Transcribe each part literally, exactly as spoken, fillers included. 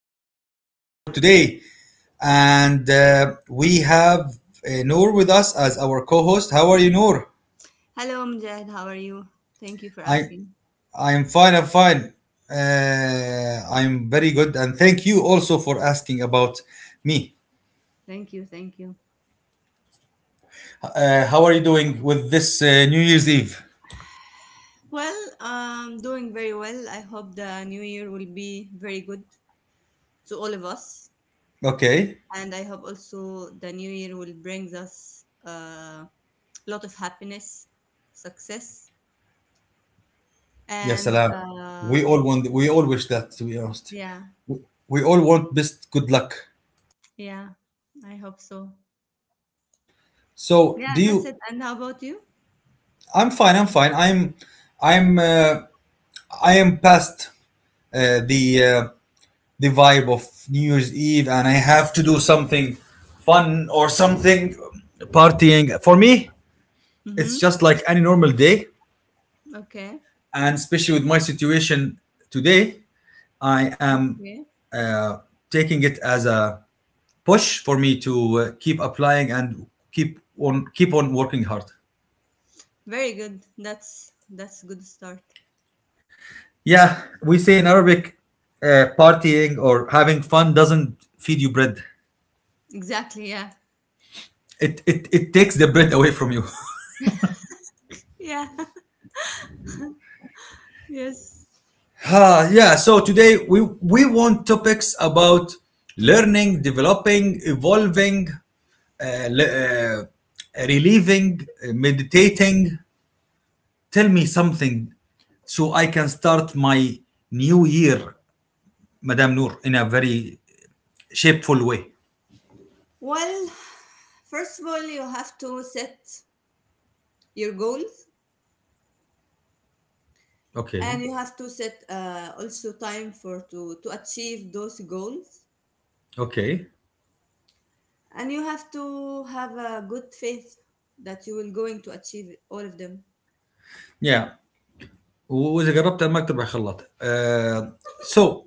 am the host for today. And uh, we have uh, Noor with us as our co-host. How are you, Noor? Hello, Mujahid. How are you? Thank you for I asking. I'm fine. I'm fine. Uh, I'm very good, and thank you also for asking about me. Thank you. Thank you. Uh, how are you doing with this uh, New Year's Eve? Well, um, doing very well. I hope the new year will be very good to all of us. Okay. And I hope also the new year will bring us uh, a lot of happiness, success, Yes, and salam. We uh, all want. We all wish that. To be honest, yeah, we all want best good luck. yeah, I hope so. So, Yeah, do that's it. you? And how about you? I'm fine. I'm fine. I'm I'm uh, I am past uh, the uh, the vibe of New Year's Eve, and I have to do something fun or something partying. For me, it's Mm-hmm. just like any normal day, Okay. and especially with my situation today, I am Okay. uh, taking it as a push for me to uh, keep applying and keep on keep on working hard. Very good. That's that's a good start. Yeah, we say in Arabic, uh, partying or having fun doesn't feed you bread. Exactly. Yeah. It, it, it takes the bread away from you. Yeah. Yes. Ah, yeah, so today we, we want topics about learning, developing, evolving, uh, le- uh, relieving, uh, meditating. Tell me something so I can start my new year, Madame Noor, in a very shapeful way. Well, first of all, you have to set your goals and Okay, you have to set uh, also time for to, to achieve those goals. okay. And you have to have a good faith that you will going to achieve all of them. Yeah, وإذا جربت ما تبع خلاط. Uh, so,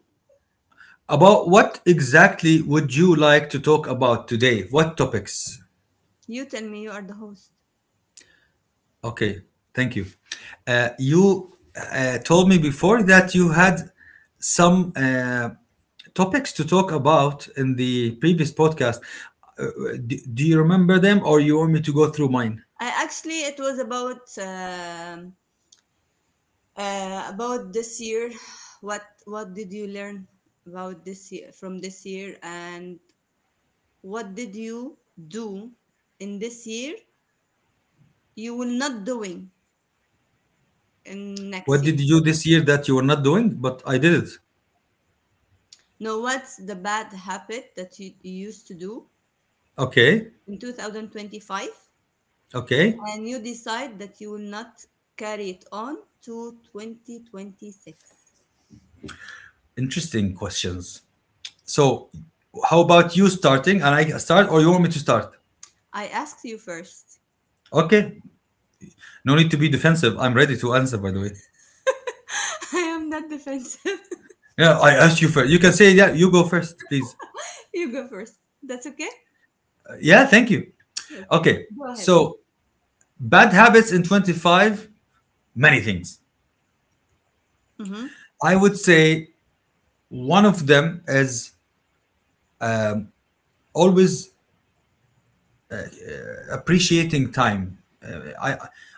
about what exactly would you like to talk about today? What topics? You tell me, you are the host. Okay, thank you. Uh, you uh, told me before that you had some uh, topics to talk about in the previous podcast. Uh, do, do you remember them or you want me to go through mine? I actually it was about um, uh, about this year. What what did you learn about this year from this year? And what did you do in this year you will not doing in next What year? did you do this year that you were not doing, but I did it? No, what's the bad habit that you, you used to do Okay, in twenty twenty-five okay. and you decide that you will not carry it on to twenty twenty-six? Interesting questions. So how about you starting and I start or you want me to start? I asked you first. Okay. No need to be defensive. I'm ready to answer by the way. I am not defensive. Yeah, I asked you first. You can say yeah, you go first, please. You go first. That's okay? Uh, Yeah, thank you. Okay. Okay. Go ahead. So bad habits in twenty-five, many things. Mm-hmm. I would say one of them is always appreciating time. Uh, I,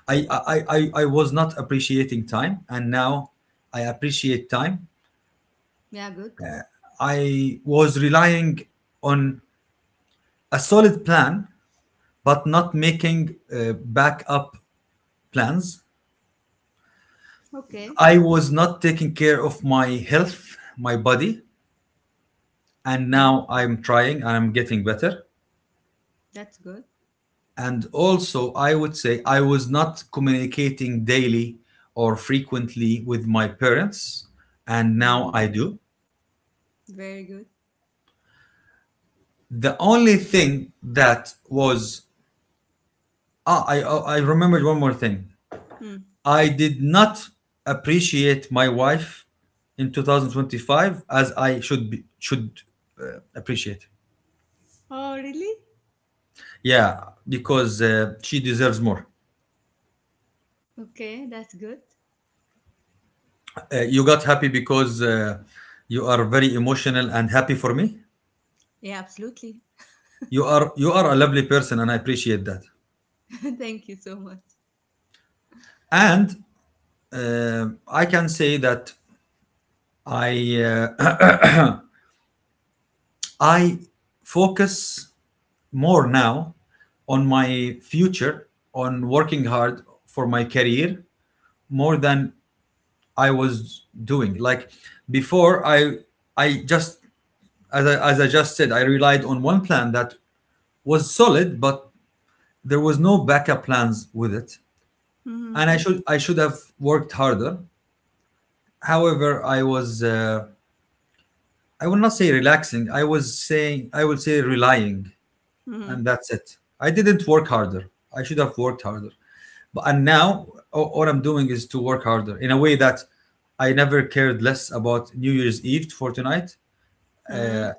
I, I, I, I was not appreciating time, and now I appreciate time. Yeah, good. I was relying on a solid plan, but not making uh, backup plans. Okay. I was not taking care of my health, my body, and Yeah, now I'm trying and I'm getting better. that's good. And also, I would say I was not communicating daily or frequently with my parents, and now I Mm. do. Very good. The only thing that was ah, I I I remembered one more thing. Mm. I did not appreciate my wife in twenty twenty-five as I should be, should uh, appreciate. Oh, really? Yeah, because uh, she deserves more. Okay, that's good. Uh, you got happy because uh, you are very emotional and happy for me. Yeah, absolutely. You are you are a lovely person, and I appreciate that. Thank you so much. And uh, I can say that I uh, I focus more now on my future, on working hard for my career, more than I was doing. Like before, I I just as I, as I just said, I relied on one plan that was solid, but there was no backup plans with it, Hmm. and I should I should have worked harder. However, I was uh, I will not say relaxing. I was saying I will say relying, and Hmm. that's it. I didn't work harder. I should have worked harder. But and now a- all I'm doing is to work harder in a way that I never cared less about New Year's Eve for tonight. Hmm.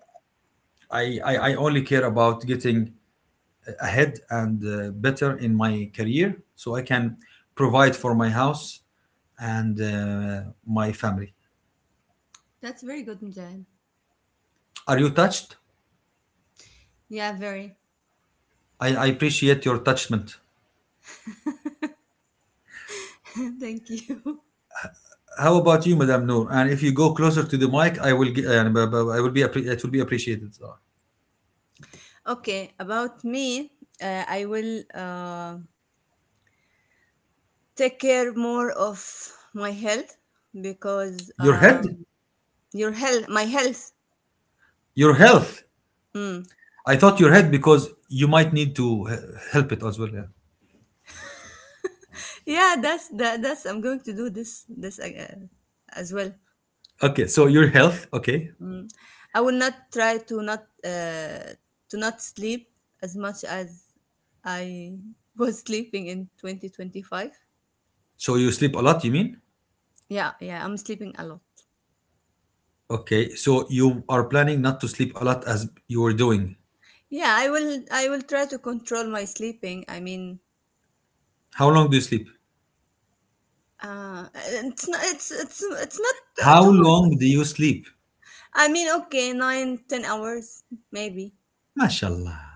I, I, I only care about getting ahead and uh, better in my career so I can provide for my house and uh, my family. That's very good, Mujahid. Are you touched? Yeah, very. I, I appreciate your touchment. Thank you. How about you, Madame Noor? And if you go closer to the mic, I will get, uh, b- b- I will be appre- it will be appreciated. Okay, about me, uh, I will uh, take care more of my health because Your head, um, your health, my health. your health. Mm. I thought your head because you might need to he- help it as well. Yeah. Yeah, that's that, that's. I'm going to do this this uh, as well. Okay, so your health. Okay, Mm. I will not try to not uh, to not sleep as much as I was sleeping in twenty twenty-five. so you sleep a lot. You mean? Yeah, yeah, I'm sleeping a lot. Okay, so you are planning not to sleep a lot as you were doing. Yeah, I will I will try to control my sleeping. I mean, How long do you sleep? uh, it's not it's it's it's not uh, How too much. long do you sleep? I mean, okay, nine ten hours maybe. Mashallah.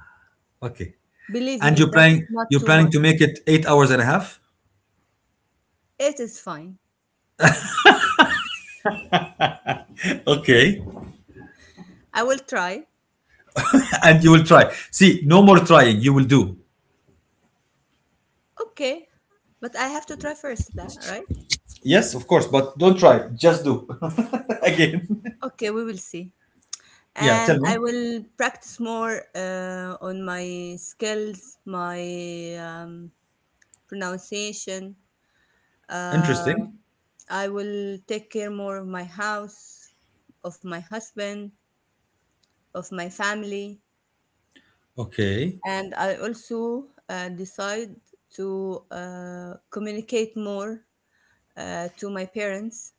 Okay. Believe And me, you're that's planning not you're too planning much. to make it eight hours and a half? It is fine. Okay. I will try. And you will try. See, no more trying. You will do. Okay, but I have to try first, la- right? Yes, of course, but don't try. Just do. Again. Okay, we will see. Yeah, tell And I me. will practice more uh, on my skills, my um, pronunciation. Uh, Interesting. I will take care more of my house, of my husband, of my family, Okay. and I also uh, decide to uh, communicate more uh, to my parents.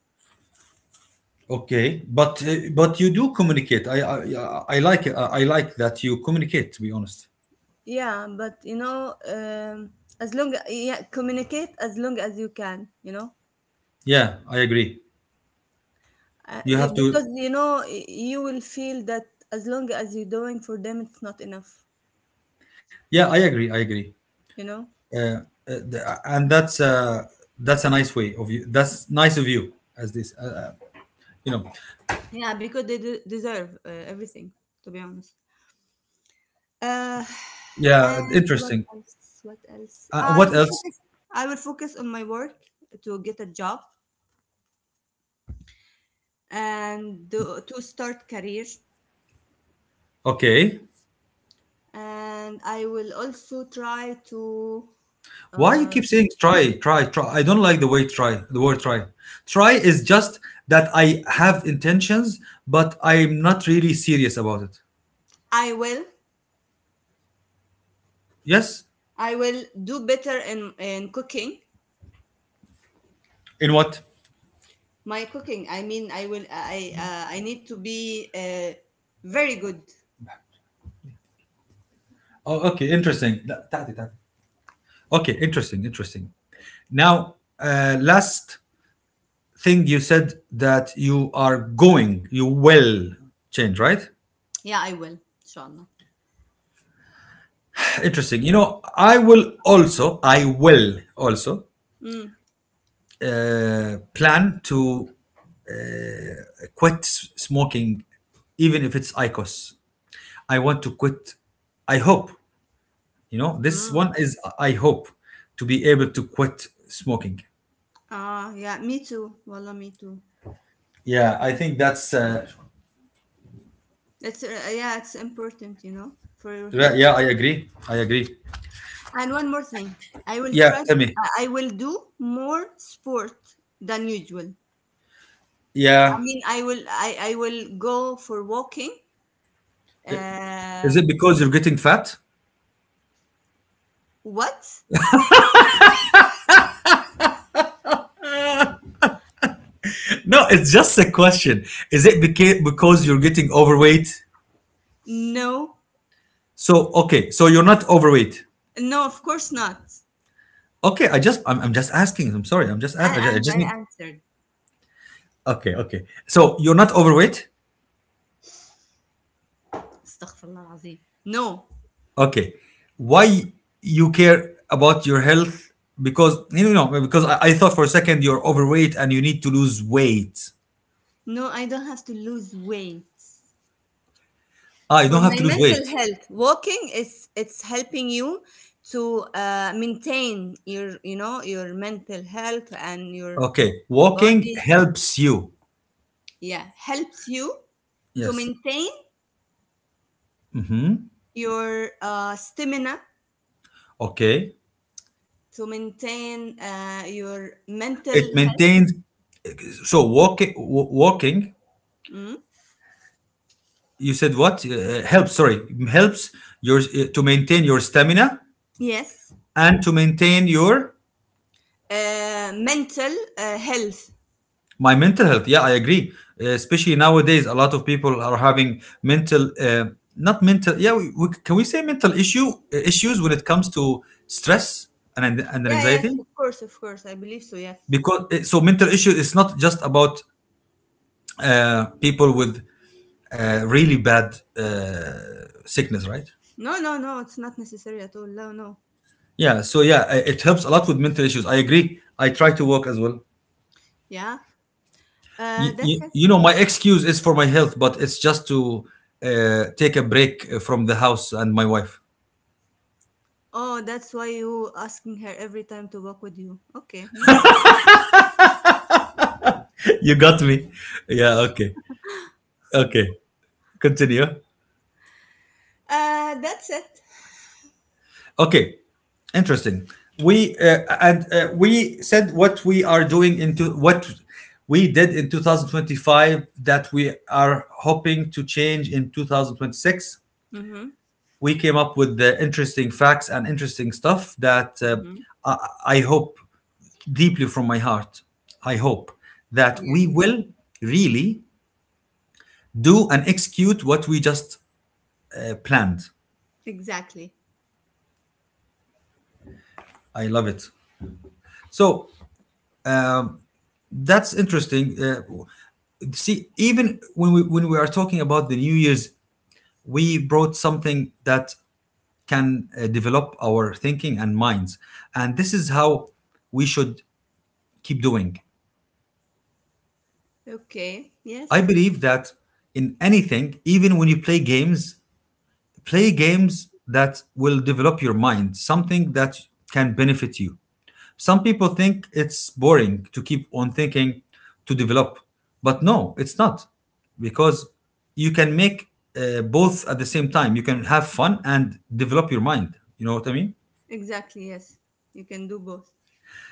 Okay. But uh, but you do communicate. I I I I like it. I I like that you communicate, to be honest. Yeah, but you know, um, as long, yeah, communicate as long as you can, you know. Yeah, I agree. Uh, You y- have to. Because you know, y- you will feel that as long as you're doing for them, it's not enough, Yeah, I agree. I agree. you know. Uh, uh, the- and that's uh, that's a nice way of you. That's nice of you, as this. Uh, uh, you know. Yeah, because they de- deserve uh, everything, to be honest. uh, Yeah, and what interesting. else what else Uh, i what will else? focus I will focus on my work to get a job and do, to start career. Okay. And I will also try to Why you uh, keep saying try, try, try? I don't like the way try. The word try. Try is just that I have intentions, but I'm not really serious about it. i will Yes. i will do better in in cooking. In what? My cooking, I mean. I will, I, uh, I need to be uh, very good. Oh, okay. Interesting. لا، تعالي- تعالي. Okay. Interesting. Interesting. Now, uh, last thing you said that you are going, you will change, right? Yeah, I will. Inshallah. Interesting. You know, I will also, I will also Mm. uh, plan to quit smoking, even if it's ICOS. I want to quit. I hope, you know, this one Mm. is I hope to be able to quit smoking. Ah, yeah, me too. Wallah, me too. Yeah, I think that's. Uh, It's uh, yeah, it's important, you know, for your health. yeah, I agree. I agree. And one more thing, I will Yeah, try. tell me. I I will do more sport than usual. Yeah. I mean, I will. I I will go for walking. Is Uh, it because you're getting fat? what? No, it's just a question. Is it beca- because you're getting overweight? No, So okay, so you're not overweight. no, of course not. Okay, I just I'm, I'm just asking. I'm sorry. I'm just a- A- I just, I And just I need. answered. Okay, okay. So you're not overweight. Astaghfirullah Azim. No, Okay, why you care about your health? Because you know because I, I thought for a second you're overweight and you need to lose weight. no, I don't have to lose weight. Ah, you For don't have my to lose weight. mental health, walking is, it's helping you to uh, maintain your, you know, your mental health and your Okay, walking body. helps you. Yeah, helps you to Yes. maintain Mm-hmm. your uh, stamina, Okay. to maintain uh, your It mental health. maintains. So walking, walking. Mm. You said what? Uh, helps. Sorry, helps your uh, to maintain your stamina Yes, and to maintain your uh, mental uh, health. my mental health. Yeah, I agree. Uh, especially nowadays, a lot of people are having mental, uh, not mental. Yeah, we, we, can we say mental issue uh, issues when it comes to stress and and Yeah, yes, anxiety? of course, of course. I believe so. Yes. Because uh, so mental issue is not just about uh, people with uh, really bad uh, sickness, right? No, no, no, it's not necessary at all. No, no. Yeah, so yeah, i- it helps a lot with mental issues. I agree. I try to walk as well. Yeah. Uh, You, That's you, it. you know, my excuse is for my health, but it's just to uh, take a break uh, from the house and my wife. Oh, that's why you asking her every time to walk with you. Okay, no problem. You got me. Yeah, okay. Okay. Continue. Uh, that's it. Okay. Interesting. We uh, and uh, we said what we are doing into what we did in twenty twenty-five that we are hoping to change in twenty twenty-six. Mm-hmm. we came up with the interesting facts and interesting stuff that uh, Mm-hmm. I, I hope deeply from my heart. I hope that we Yes. will really do and execute what we just uh, planned. Exactly. I love it. So that's interesting. Uh, see, even when we when we are talking about the New Year's, we brought something that can uh, develop our thinking and minds, and this is how we should keep doing. Okay. I Yes. believe that in anything, even when you play games, play games that will develop your mind, something that can benefit you. Some people think it's boring to keep on thinking to develop, but no, it's not because you can make uh, both at the same time. You can have fun and develop your mind. You know what I mean? Exactly. Yes. You can do both.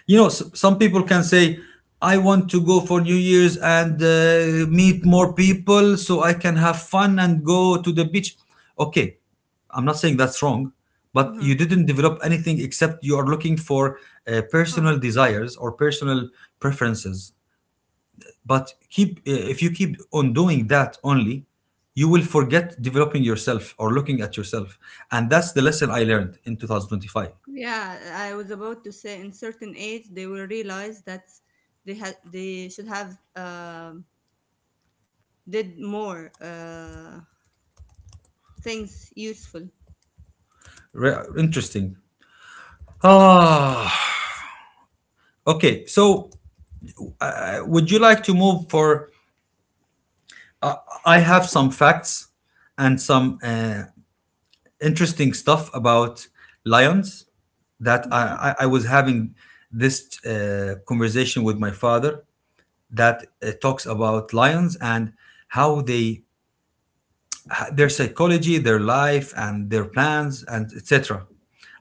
You know, s- some people can say, I want to go for New Year's and uh, meet more people so I can have fun and go to the beach. Okay, I'm not saying that's wrong, but Mm-hmm. you didn't develop anything except you are looking for uh, Fun. personal desires or personal preferences. But keep uh, if you keep on doing that only, you will forget developing yourself or looking at yourself, and that's the lesson I learned in twenty twenty-five. Yeah, I was about to say, in certain age they will realize that they had they should have um did more uh things useful. Re- interesting. Ah, okay, so uh, would you like to move for? I have some facts and some uh, interesting stuff about lions that I, Mm-hmm. I, I was having this uh, conversation with my father that uh, talks about lions and how they their psychology, their life, and their plans, and et cetera.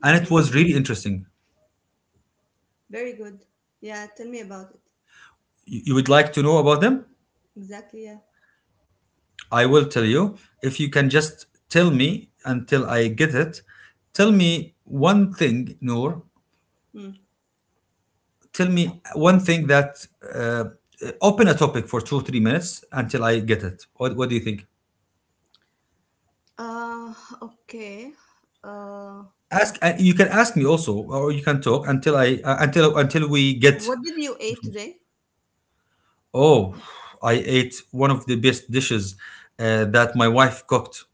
And it Mm-hmm. was really interesting. Very good. Yeah, tell me about it. You, you would like to know about them? Exactly, yeah. I will tell you if you can just tell me until I get it. Tell me one thing, Noor. Mm. Tell me one thing that uh, open a topic for two three minutes until I get it. What, what do you think? Uh, okay. Uh, Ask. Uh, you can ask me also, or you can talk until I uh, until until we get. what did you eat today? Oh, I ate one of the best dishes uh, that my wife cooked.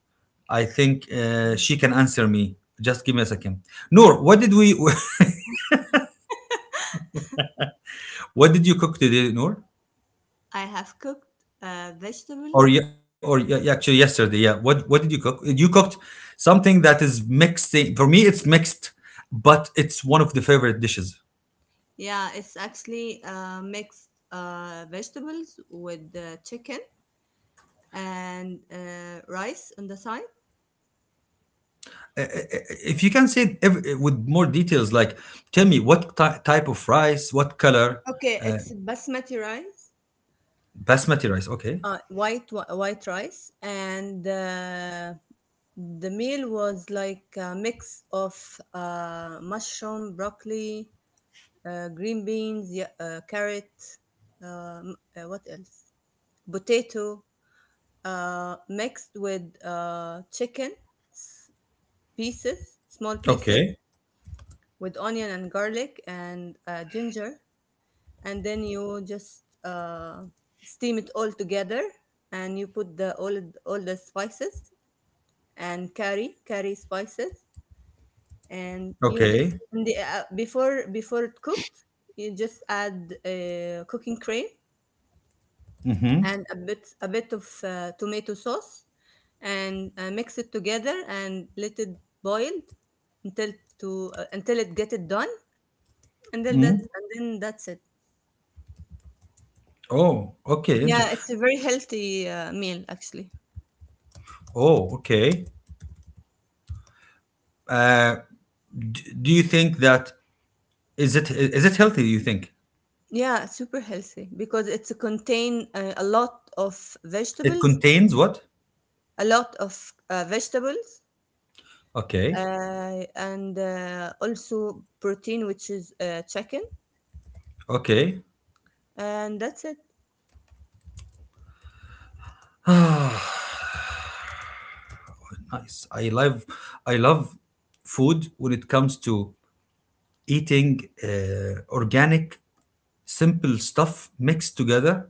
I think uh, she can answer me. Just give me a second. Noor, what did we? What did you cook today, Noor? I have cooked uh, or ye- vegetables. Or ye- actually, yesterday, yeah, what what did you cook? You cooked something that is mixing for me. It's mixed, but it's one of the favorite dishes. Yeah, it's actually uh, mixed uh, vegetables with uh, chicken and uh, rice on the side. I- I- if you can say it with more details, like tell me what ty- type of rice, what color. Okay, it's basmati rice, Basmati rice, okay. uh, white whi- white rice, and uh, the meal was like a mix of uh, mushroom, broccoli, uh, green beans, yeah, uh, carrot, um, uh, what else? Potato, uh, mixed with uh, chicken pieces, small Okay, pieces, with onion and garlic and uh, ginger. And then you just uh, steam it all together and you put the all, all the spices and curry, curry spices. And you okay. just, in the, uh, before, before it cooked, you just add uh, cooking cream Mhm. and a bit a bit of uh, tomato sauce and uh, mix it together and let it boiled until to uh, until it get it done, and then that and then that's it. Oh, okay, inter- Yeah, it's a very healthy uh, meal actually. oh okay. uh, d- do you think that is it is it healthy, do you think? Yeah, super healthy because it's contain uh, a lot of It vegetables contains what? a lot of uh, vegetables Okay. uh, and uh, also protein, which is uh, chicken. Okay. And that's it. Nice. I love I love food when it comes to eating uh, organic, simple stuff mixed together,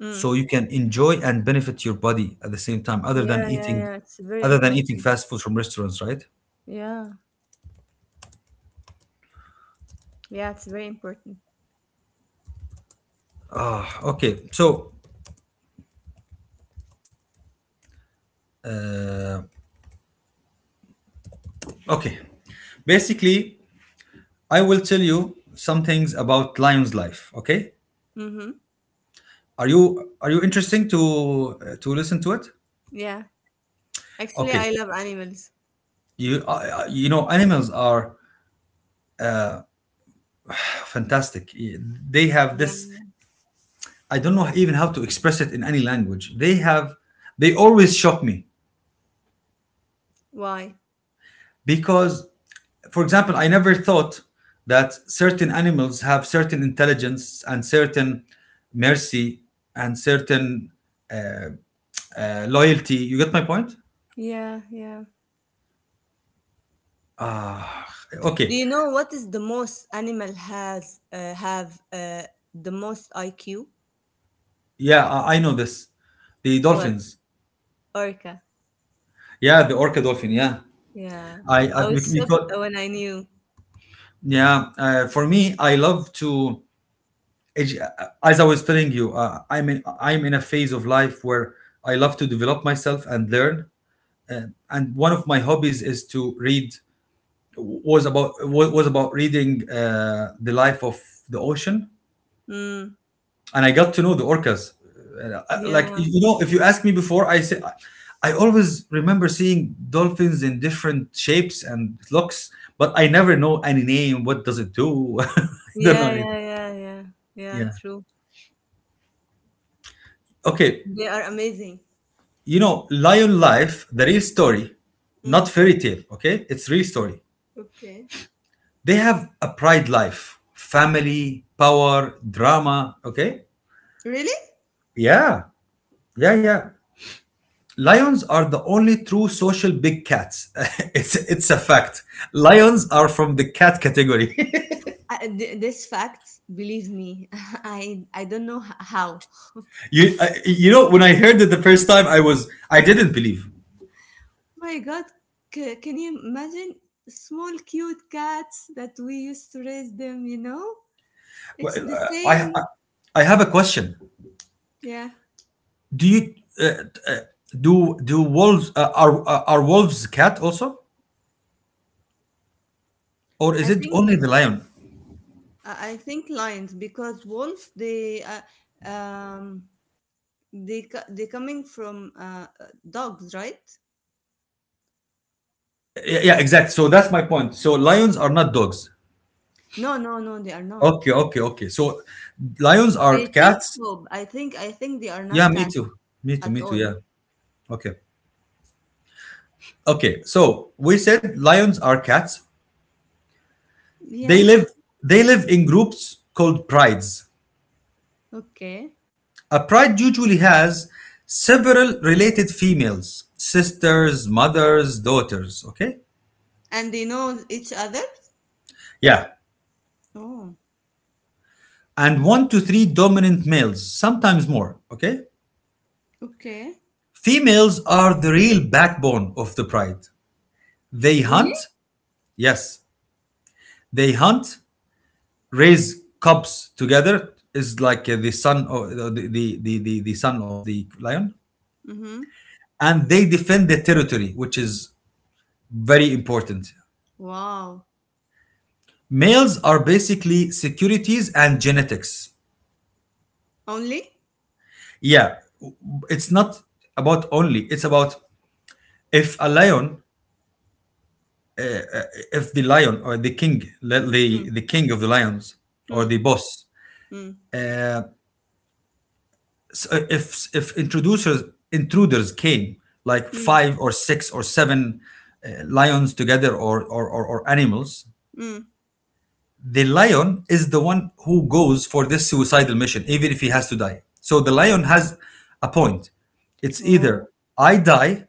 Mm. so you can enjoy and benefit your body at the same time, other than Yeah, yeah, eating, yeah, it's very other than eating important. fast food from restaurants, right? Yeah, yeah, it's very important. Okay, so uh, okay. Basically, I will tell you some things about Lion's life, okay? Mm-hmm. Are you are you interesting to uh, to listen to it? Yeah. Actually, Okay. I love animals. You uh, uh, you know animals are fantastic. They have this. Yeah. I don't know even how to express it in any language. They have. They always shock me Why? because, for example, I never thought that certain animals have certain intelligence and certain mercy and certain uh, uh, loyalty. You get my point? Yeah, yeah. Do Okay. you know what is the most animal has uh, have uh, the most I Q? Yeah, I, I know this. The What? dolphins. Orca. Yeah, the orca dolphin. Yeah. Yeah. I, I I was shocked because when I knew. yeah, uh, for me, I love to Ej- as I was telling you, uh, I'm in I'm in a phase of life where I love to develop myself and learn. Uh, and one of my hobbies is to read. Was about wa- was about reading uh, the life of the ocean, Mm. and I got to know the orcas. Uh, uh, like Yeah. you know, if you ask me before, I say I always remember seeing dolphins in different shapes and looks, but I never know any name. What does it do? I don't know Yeah, anything. yeah, yeah, yeah. Yeah, Yeah. true. Okay. They are amazing. You know, Lion Life, the real story, not Mm. fairy tale, okay? It's real story. Okay. They have a pride life, family, power, drama, okay? Really? Yeah, yeah, yeah. Lions are the only true social big cats. it's it's a fact. Lions are from the cat category. I, th- this fact, believe me, I I don't know h- how. You I, you know, when I heard it the first time, I was I didn't believe. My god, c- can you imagine, small cute cats that we used to raise them, you know, Well, it's the uh, I same. I I have a question. Yeah, Do you uh, uh, do do wolves uh, are are are wolves cat also, or i is it think i only the lion? I think lions because wolves they uh, um they co- they coming from uh, uh, dogs, right? Yeah, yeah, exactly. So that's my point. So lions are not dogs. No, no, no, they are Okay, not. okay, okay. So lions are I think cats. so I think I think they are Yeah, not me cats too. Me too. at Me too. all. Yeah. Okay. Okay. So we said lions are cats. They Yeah. live they live in groups called prides. Okay. A pride usually has several related females, sisters, mothers, daughters, okay? And they know each other? Yeah. Oh, And one to three dominant males, sometimes more. Okay? okay. Females are the real backbone of the pride. They Really? hunt, yes, they hunt, raise cubs together, is like uh, the son of uh, the, the, the, the, the son of the lion, Mm-hmm. and they defend their territory, which is very important. Wow. Males are basically securities and genetics. Only? Yeah, it's not about only, it's about if a lion, if the lion or the king, let Hmm. the the king of the lions or Hmm. the boss Hmm. s- uh, if if introducers, intruders came, like Hmm. five or six or seven uh, lions together, or or or or animals, Hmm. the lion is the one who goes for this suicidal mission, even if he has to die. So the lion has a point. It's either Oh, I die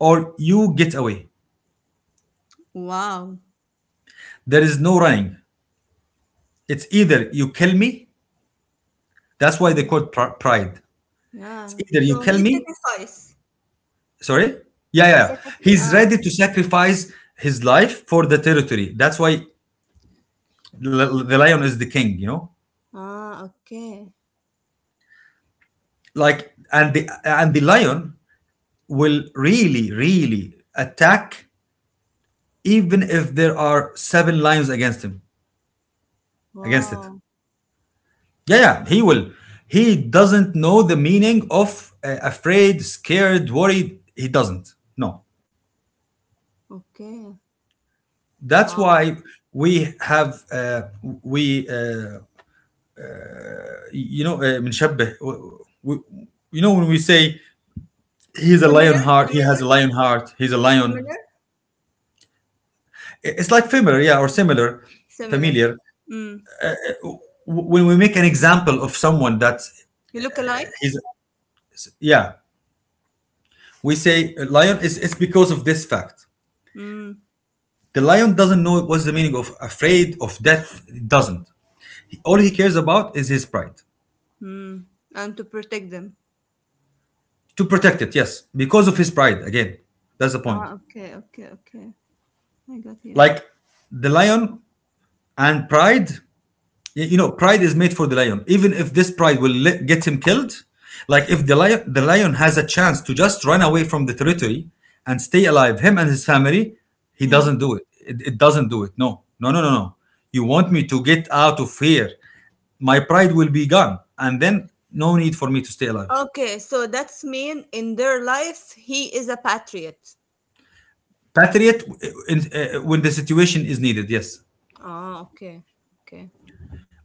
or you get away. wow. There is no running. It's either you kill me. That's why they Mm. call it pri- pride. It's Yeah. either you So kill he me. sacrificed. Sorry? Yeah, yeah, yeah. Sacrifice. He's Ah, ready to sacrifice his life for the territory. That's why l- the lion is the king, you know? ah, okay. Like, and the and the lion will really really attack even if there are seven lions against him, against it. Wow. Yeah, yeah, he will. He doesn't know the meaning of uh, afraid, scared, worried. He doesn't. No, Okay. that's Wow. why we have uh, we uh, you know, uh, بنشبه, we, you know, when we say he's a lion Similar, heart, he has similar, a lion heart, he's a lion. similar, I- It's like familiar, yeah, or similar, Similar. familiar. Mm. W- When we make an example of someone that's You look alike? he's, yeah, we say a lion, is it's because of this fact. Mm, The lion doesn't know what's the meaning of afraid of death. It doesn't. All he cares about is his pride. mm. And to protect them. To protect it, yes, because of his pride. Again, that's the point. Ah, okay, okay, okay. I got you. Like, the lion and pride, you know, pride is made for the lion, even if this pride will let, get him killed. Like if the lion the lion has a chance to just run away from the territory and stay alive, him and his family, he Mm. doesn't do it. it, it doesn't do it. No, no, no, no, no. You want me to get out of here? My pride will be gone, and then no need for me to stay alive. Okay, so that's mean in their life he is a patriot. Patriot, uh, in, uh, when the situation is needed, yes. Ah, okay, okay.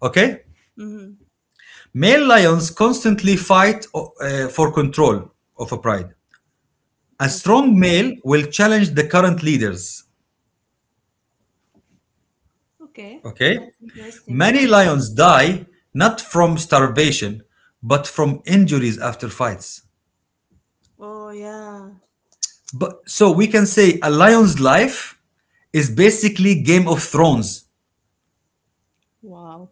Okay, Mhm. male lions constantly fight uh, for control of a pride. A Okay. strong male will challenge the current leaders. Okay, Okay? that's interesting. Yeah. Many lions die, not from starvation, but from injuries after fights. Oh yeah. But so we can say a lion's life is basically Game of Thrones. Wow.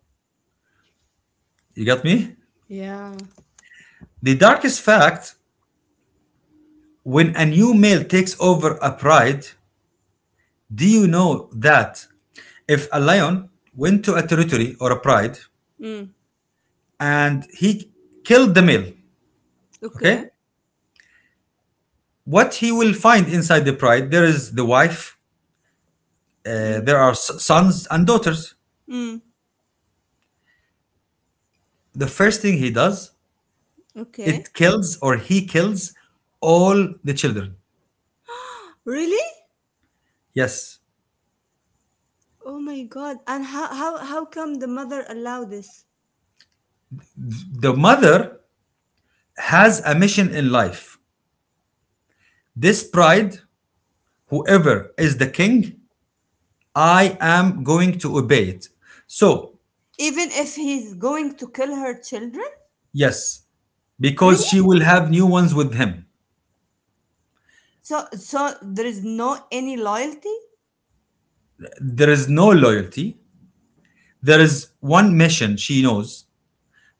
You got me? Yeah. The darkest fact, when a new male takes over a pride, do you know that if a lion went to a territory or a pride Mm. and he killed the male, okay? Okay. What he will find inside the bride, there is the wife, uh, Mm. there are s- sons and daughters. Mm. The first thing he does, Okay. it kills, or he kills all the children. Really? Yes. Oh my god. And how how how come the mother allowed this? The mother has a mission in life: this bride, whoever is the king, I am going to obey it. So Even if he's going to kill her children? yes, because Really? she will have new ones with him. So so there is no any loyalty? There is no loyalty. There is one mission she knows.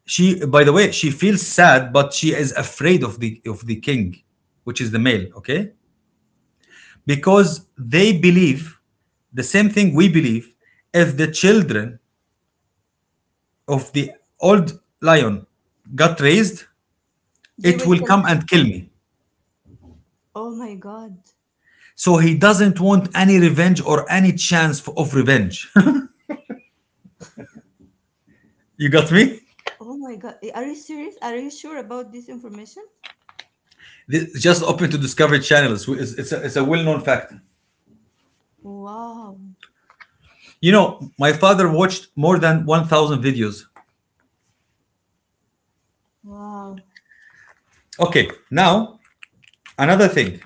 She, by the way, she feels sad, but she is afraid of the of the king, which is the male, okay? Because they believe the same thing we believe: if the children of the old lion got raised, They it will will kill come him. and kill me. Oh my god. So he doesn't want any revenge or any chance for, of revenge. You got me? Oh my god. Are you serious? Are you sure about this information? This- just open to discovery channels. It's, it's a, it's a well-known fact. Wow. You know, my father watched more than one thousand videos. Wow. Okay, now. Another thing,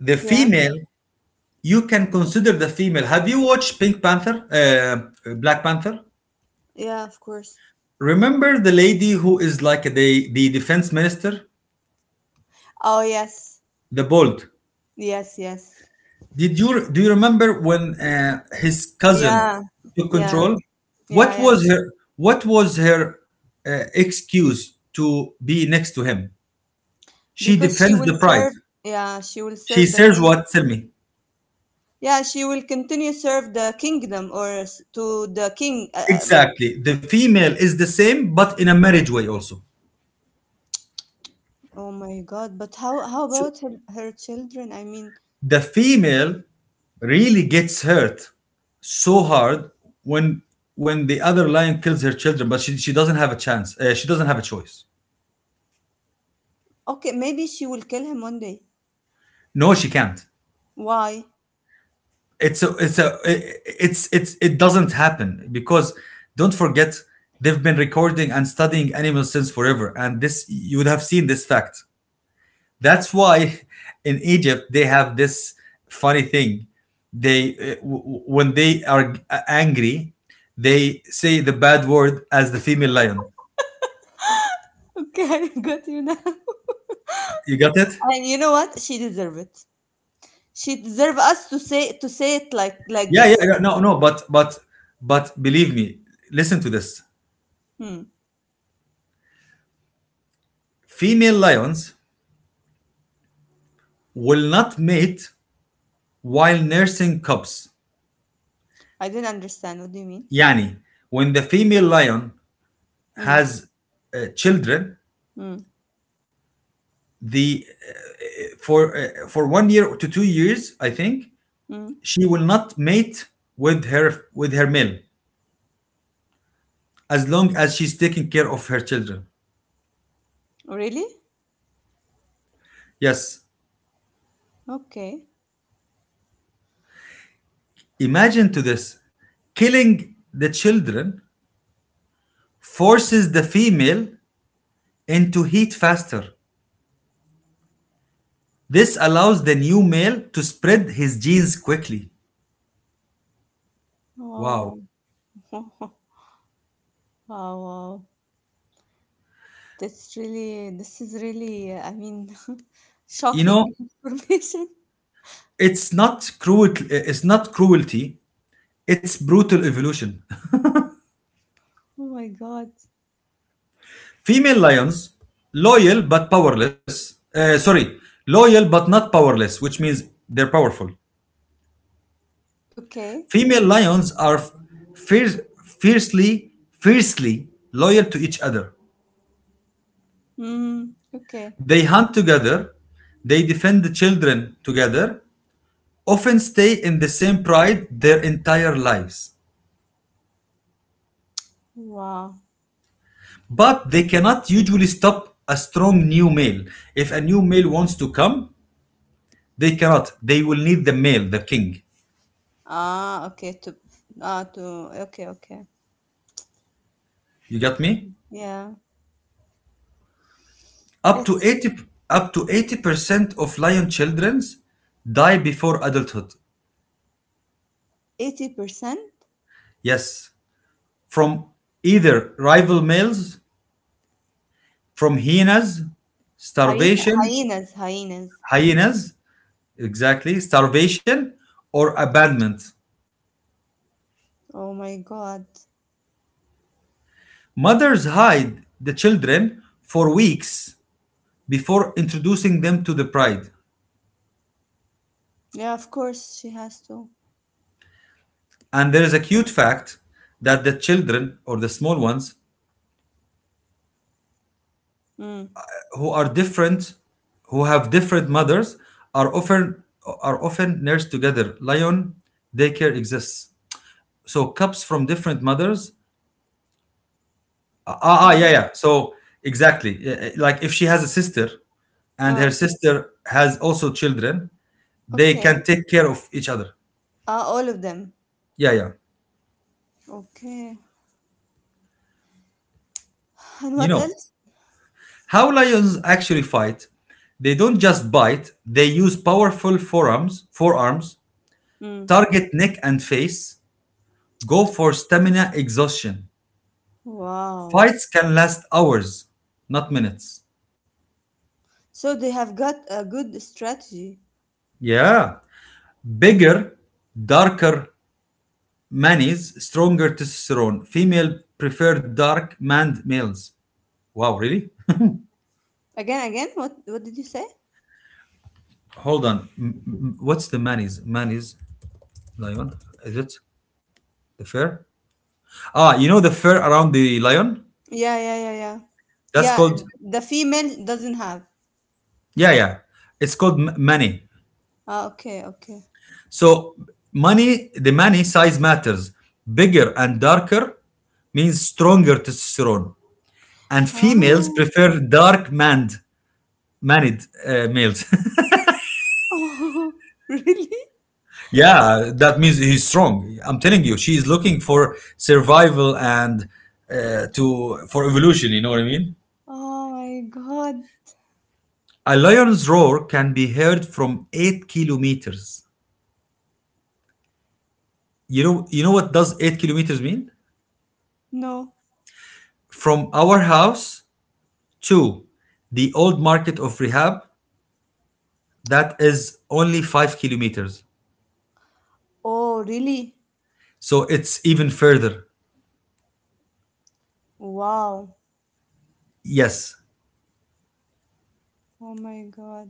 the Yeah. female, you can consider the female. Have you watched Pink Panther, uh, Black Panther? Yeah, of course. Remember the lady who is like the the defense minister, Oh yes, the bold. yes, yes. Did you Do you remember when uh, his cousin Yeah, took yeah, control? What yeah, yeah. was her What was her uh, excuse to be next to him? She Because she defends will the pride. serve. Yeah, she will She serve the serves king. what? Tell me. Yeah, she will continue serve the kingdom or s- to the king. Uh, Um, Exactly. The female is the same, but in a marriage way also. Oh my God! But how how So about her, her children? I mean, the female really gets hurt so hard when when the other lion kills her children, but she, she doesn't have a chance, uh, she doesn't have a choice. okay, maybe she will kill him one day. No, she can't. Why? It's a, it's a it's it's It doesn't happen because don't forget, they've been recording and studying animals since forever, and this, you would have seen this fact. That's why in Egypt they have this funny thing. They uh, w- when they are angry, they say the bad word as the female lion. Okay, I got you now. You got it? And you know what? She deserve it. She deserve us to say to say it like like Yeah, yeah, this. yeah, no, no, but but but believe me, listen to this. Hmm. Female lions will not mate while nursing cubs. I didn't understand. What do you mean? Yani, when the female lion Hmm. has uh, children, Hmm. the uh, for uh, for one year to two years, I think, Hmm. she will not mate with her with her male as long as she's taking care of her children. Really? Yes. Okay. Imagine to this: killing the children forces the female into heat faster. This allows the new male to spread his genes quickly. Wow. Oh, oh, wow. That's really, this is really, I mean, You know, shocking information. it's not cruel, it's not cruelty, it's brutal evolution. Oh my God. Female lions, loyal but powerless. Uh, sorry, loyal but not powerless, which means they're powerful. Okay. Female lions are fierce, fiercely, fiercely loyal to each other. Mm, okay. They hunt together. They defend the children together. Often stay in the same pride their entire lives. Wow. But they cannot usually stop a strong new male. If a new male wants to come, they cannot. They will need the male, the king. Ah, okay. To, ah, to, okay, okay. You got me? Yeah. Up to That's 80 Up to eighty percent of lion children die before adulthood. eighty percent? Yes, from either rival males, from hyenas, Hyena, starvation, hyenas, hyenas. hyenas, exactly, starvation or abandonment. Oh my God. Mothers hide the children for weeks before introducing them to the pride. Yeah, of course she has to. And there is a cute fact that the children or the small ones Mm. who are different who have different mothers are often are often nursed together. Lion daycare exists. So cubs from different mothers, ah, ah ah, yeah, Yeah. yeah, so exactly. Yeah, yeah, like if she has a sister and her Ah, sister has also children, they okay. can take care of each other. Ah, all of them. Yeah, yeah. Okay. And You what know else? how lions actually fight? They don't just bite. They use powerful forearms forearms, Mm. target neck and face. Go for stamina exhaustion. Wow. Fights can last hours, not minutes. So they have got a good strategy. Yeah. Bigger, darker manis, stronger testosterone. Female prefer dark manned males. Wow, really? Again, again, what what did you say? Hold on. M- m- what's the manis? Manis, lion? Is it the fur? Ah, you know the fur around the lion? Yeah, yeah, yeah, yeah. That's Yeah, called, the female doesn't have. yeah, yeah, it's called m- mani. Ah, okay, okay. So money, the money size matters. Bigger and darker means stronger testosterone, and females Ah. prefer dark manned manned uh, males. Oh, really? yeah, that means he's strong. I'm telling you, she's looking for survival and uh, to for evolution. You know what I mean? Oh my God. A lion's roar can be heard from eight kilometers. You know, you know what does eight kilometers mean? No. From our house to the old market of Rehab. That is only five kilometers. Oh, really? So it's even further. Wow. Yes. Oh my God.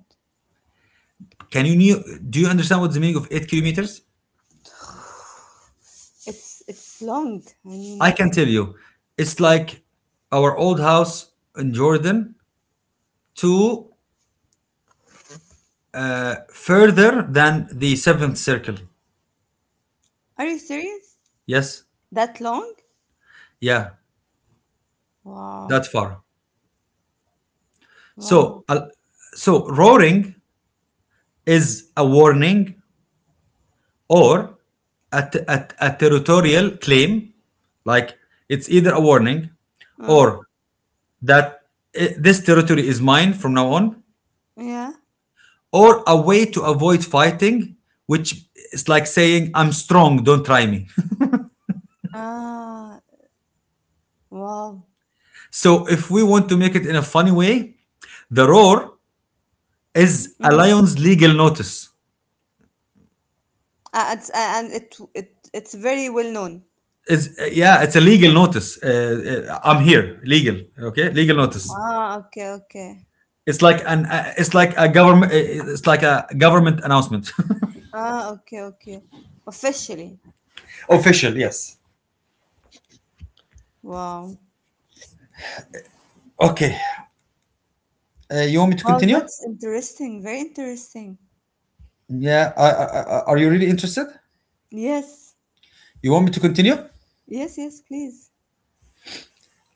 Can you knew, do you understand what's the meaning of eight kilometers? It's it's long. I mean, I can tell you. It's like our old house in Jordan to further than the seventh circle. are you serious? Yes. That long? Yeah. Wow. That far. Wow. So uh, so roaring is a warning or a, t- a, a territorial claim. Like it's either a warning Uh, or that eh, this territory is mine from now on, yeah. or a way to avoid fighting, which is like saying, I'm strong, don't try me. Ah, wow. so if we want to make it in a funny way, the roar is a Mhm. lion's legal notice. Uh, it's, uh, and it it it's very well known. Is yeah, it's a legal notice. Uh, uh, I'm here, legal. Okay, legal notice. Ah, okay, okay. It's like an uh, it's like a government uh, it's like a government announcement. Ah, okay, okay. Officially. Official, yes. Wow. Okay, uh, you want me to Wow, continue? that's interesting. Very interesting. Yeah. Uh, uh, uh, are you really interested? Yes. You want me to continue? Yes, yes, please.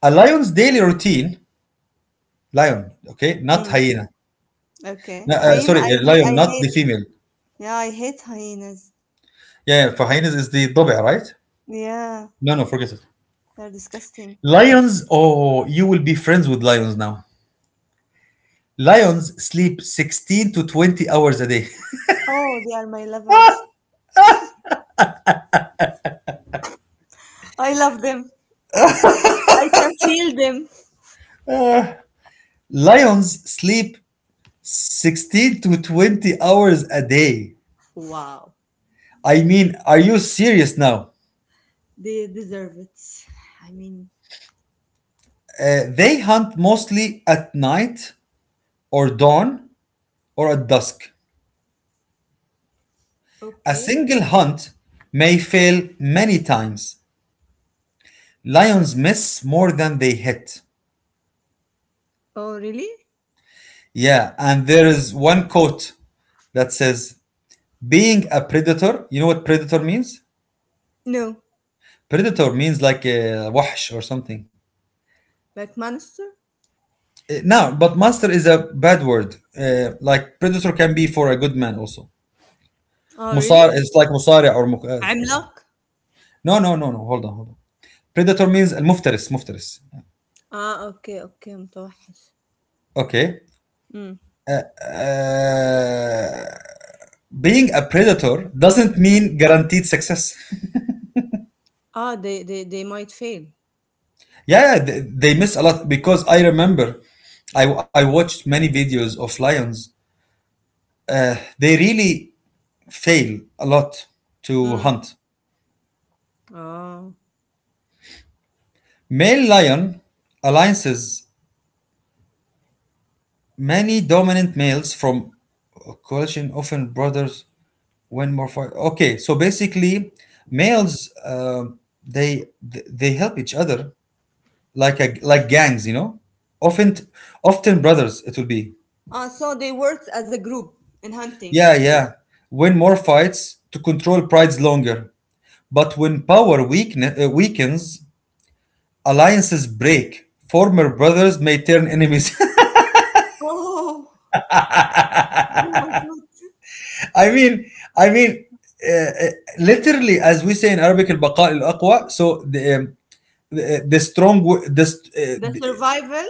A lion's daily routine, lion, okay, not Mm, hyena. okay. No, uh, Hyena, sorry, I a hate lion, I not hate. the female. Yeah, I hate hyenas. Yeah, yeah, for hyenas is the ضبع, right? Yeah, No, no, forget it. they're disgusting. Lions, oh, you will be friends with lions now. Lions sleep sixteen to twenty hours a day. Oh, they are my lovers. I love them. I can feel them. Lions sleep sixteen to twenty hours a day. Wow. I mean, are you serious now? They deserve it. I mean, Uh, they hunt mostly at night or dawn or at dusk. A okay. single hunt may fail many times. Lions miss more than they hit. Oh, really? Yeah, and there is one quote that says, being a predator, you know what predator means? No. Predator means like a wash or something. McMaster? Uh, Now, but monster is a bad word. Uh, like predator can be for a good man also. Oh, really? Musar, it's like musari or muk- uh, عملاق? no, no, no, no. Hold on, hold on. Predator means uh, muftaris, muftaris. Ah, okay, okay, متوحش. Okay. Mm. Uh, being a predator doesn't mean guaranteed success. Ah, they, they, they might fail. Yeah, they, they miss a lot because I remember I, I watched many videos of lions. They really fail a lot to Mm. hunt. Oh. Male lion alliances, many dominant males from a coalition, often brothers, win more fight. Okay, so basically, males uh, they they help each other, like a, like gangs, you know. Often often brothers it will be. Ah, so they worked as a group in hunting. Yeah, yeah. Win more fights to control prides longer. But when power weaken, uh, weakens, alliances break. Former brothers may turn enemies. Oh, oh my God. I mean, I mean, uh, uh, Literally, as we say in Arabic, البقاء الأقوى. So the um, the, uh, the strong, w- the, st- uh, The the survival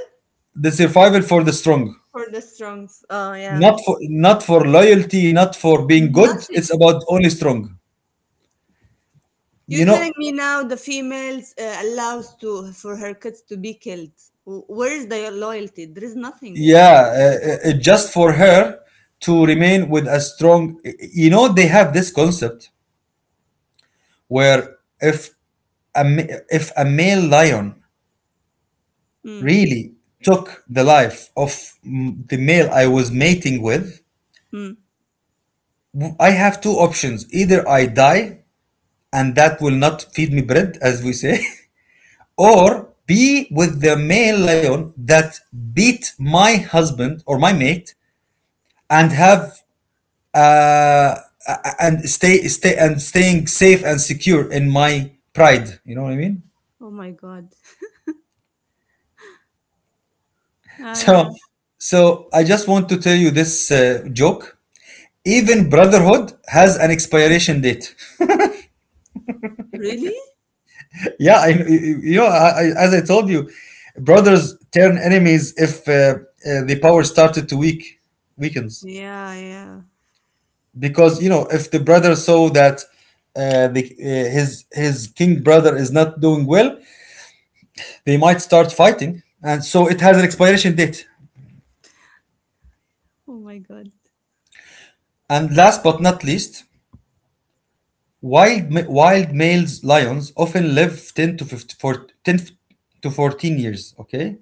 the survival for the strong. for the strongs. Oh, yeah. Not for not for loyalty, not for being good. Nothing. It's about only strong. You're You know, telling me now the females uh, allows to for her kids to be killed. W- Where is the loyalty? There is nothing there. yeah, uh, uh, uh, just for her to remain with a strong. You know, they have this concept where, if a ma- if a male lion Mm, really took the life of m- the male I was mating with, mm. w- I have two options. Either I die, and that will not feed me bread, as we say, or be with the male lion that beat my husband or my mate, and have uh, and stay stay and staying safe and secure in my pride. You know what I mean? Oh my God. Ah, so yeah. so I just want to tell you this uh, joke. Even brotherhood has an expiration date. Really? yeah, I, you you know, I, I- as I told you, brothers turn enemies if uh, uh, the power started to weak weakens. Yeah, yeah. Because, you know, if the brother saw that uh, the, uh, his his king brother is not doing well, they might start fighting. And so it has an expiration date. Oh my god. And last but not least, wild ma- wild male lions often live ten to fifty, for ten to fourteen years, okay?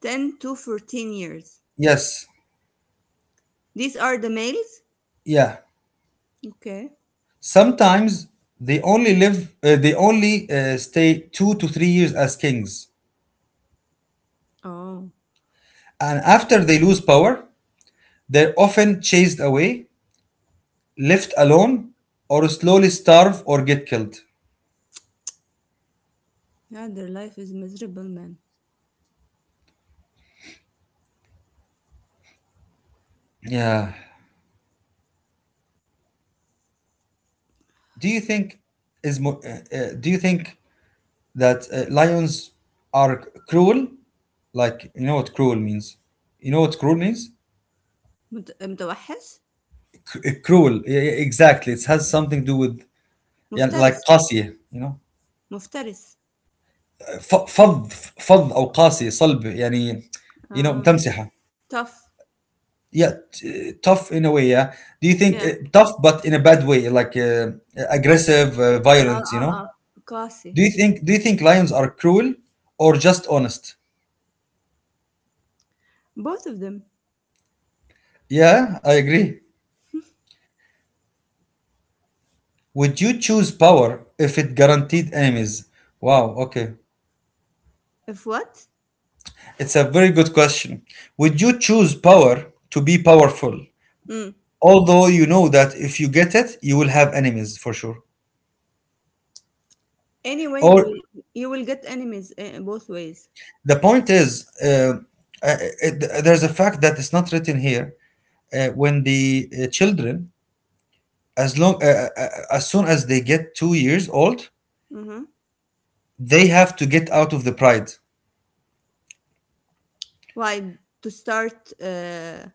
ten to fourteen years. Yes. These are the males? Yeah. Okay. Sometimes they only live uh, they only uh, stay two to three years as kings. Oh. And after they lose power, they're often chased away, left alone, or slowly starve or get killed. Yeah, their life is miserable, man. Yeah. Do you think is mo- uh, uh, do you think that uh, lions are cruel? Like, you know what cruel means? You know what cruel means? مت... متوحش؟ C- uh, cruel. Yeah, yeah, exactly. It has something to do with, yeah, like مفترس. قاسية. You know, مفترس. ف- فظ فظ أو قاسية صلب يعني. You know Ah, تمسحة. tough. Yeah, t- tough in a way. Yeah. Do you Yeah. think uh, tough, but in a bad way, like uh, aggressive, uh, Ah, violent? You ah, know. ah. Classy. Do you think do you think lions are cruel or just honest? Both of them. Yeah, I agree. Would you choose power if it guaranteed enemies? Wow, okay. If what? It's a very good question. Would you choose power to be powerful? Mm. Although you know that if you get it, you will have enemies for sure. Anyway, you Or will you will get enemies uh, both ways. the point is, uh, uh, it, there's a fact that is not written here. Uh, when the uh, children, as long uh, uh, uh, as soon as they get two years old, Mm-hmm. they have to get out of the pride. Why? To start. Uh,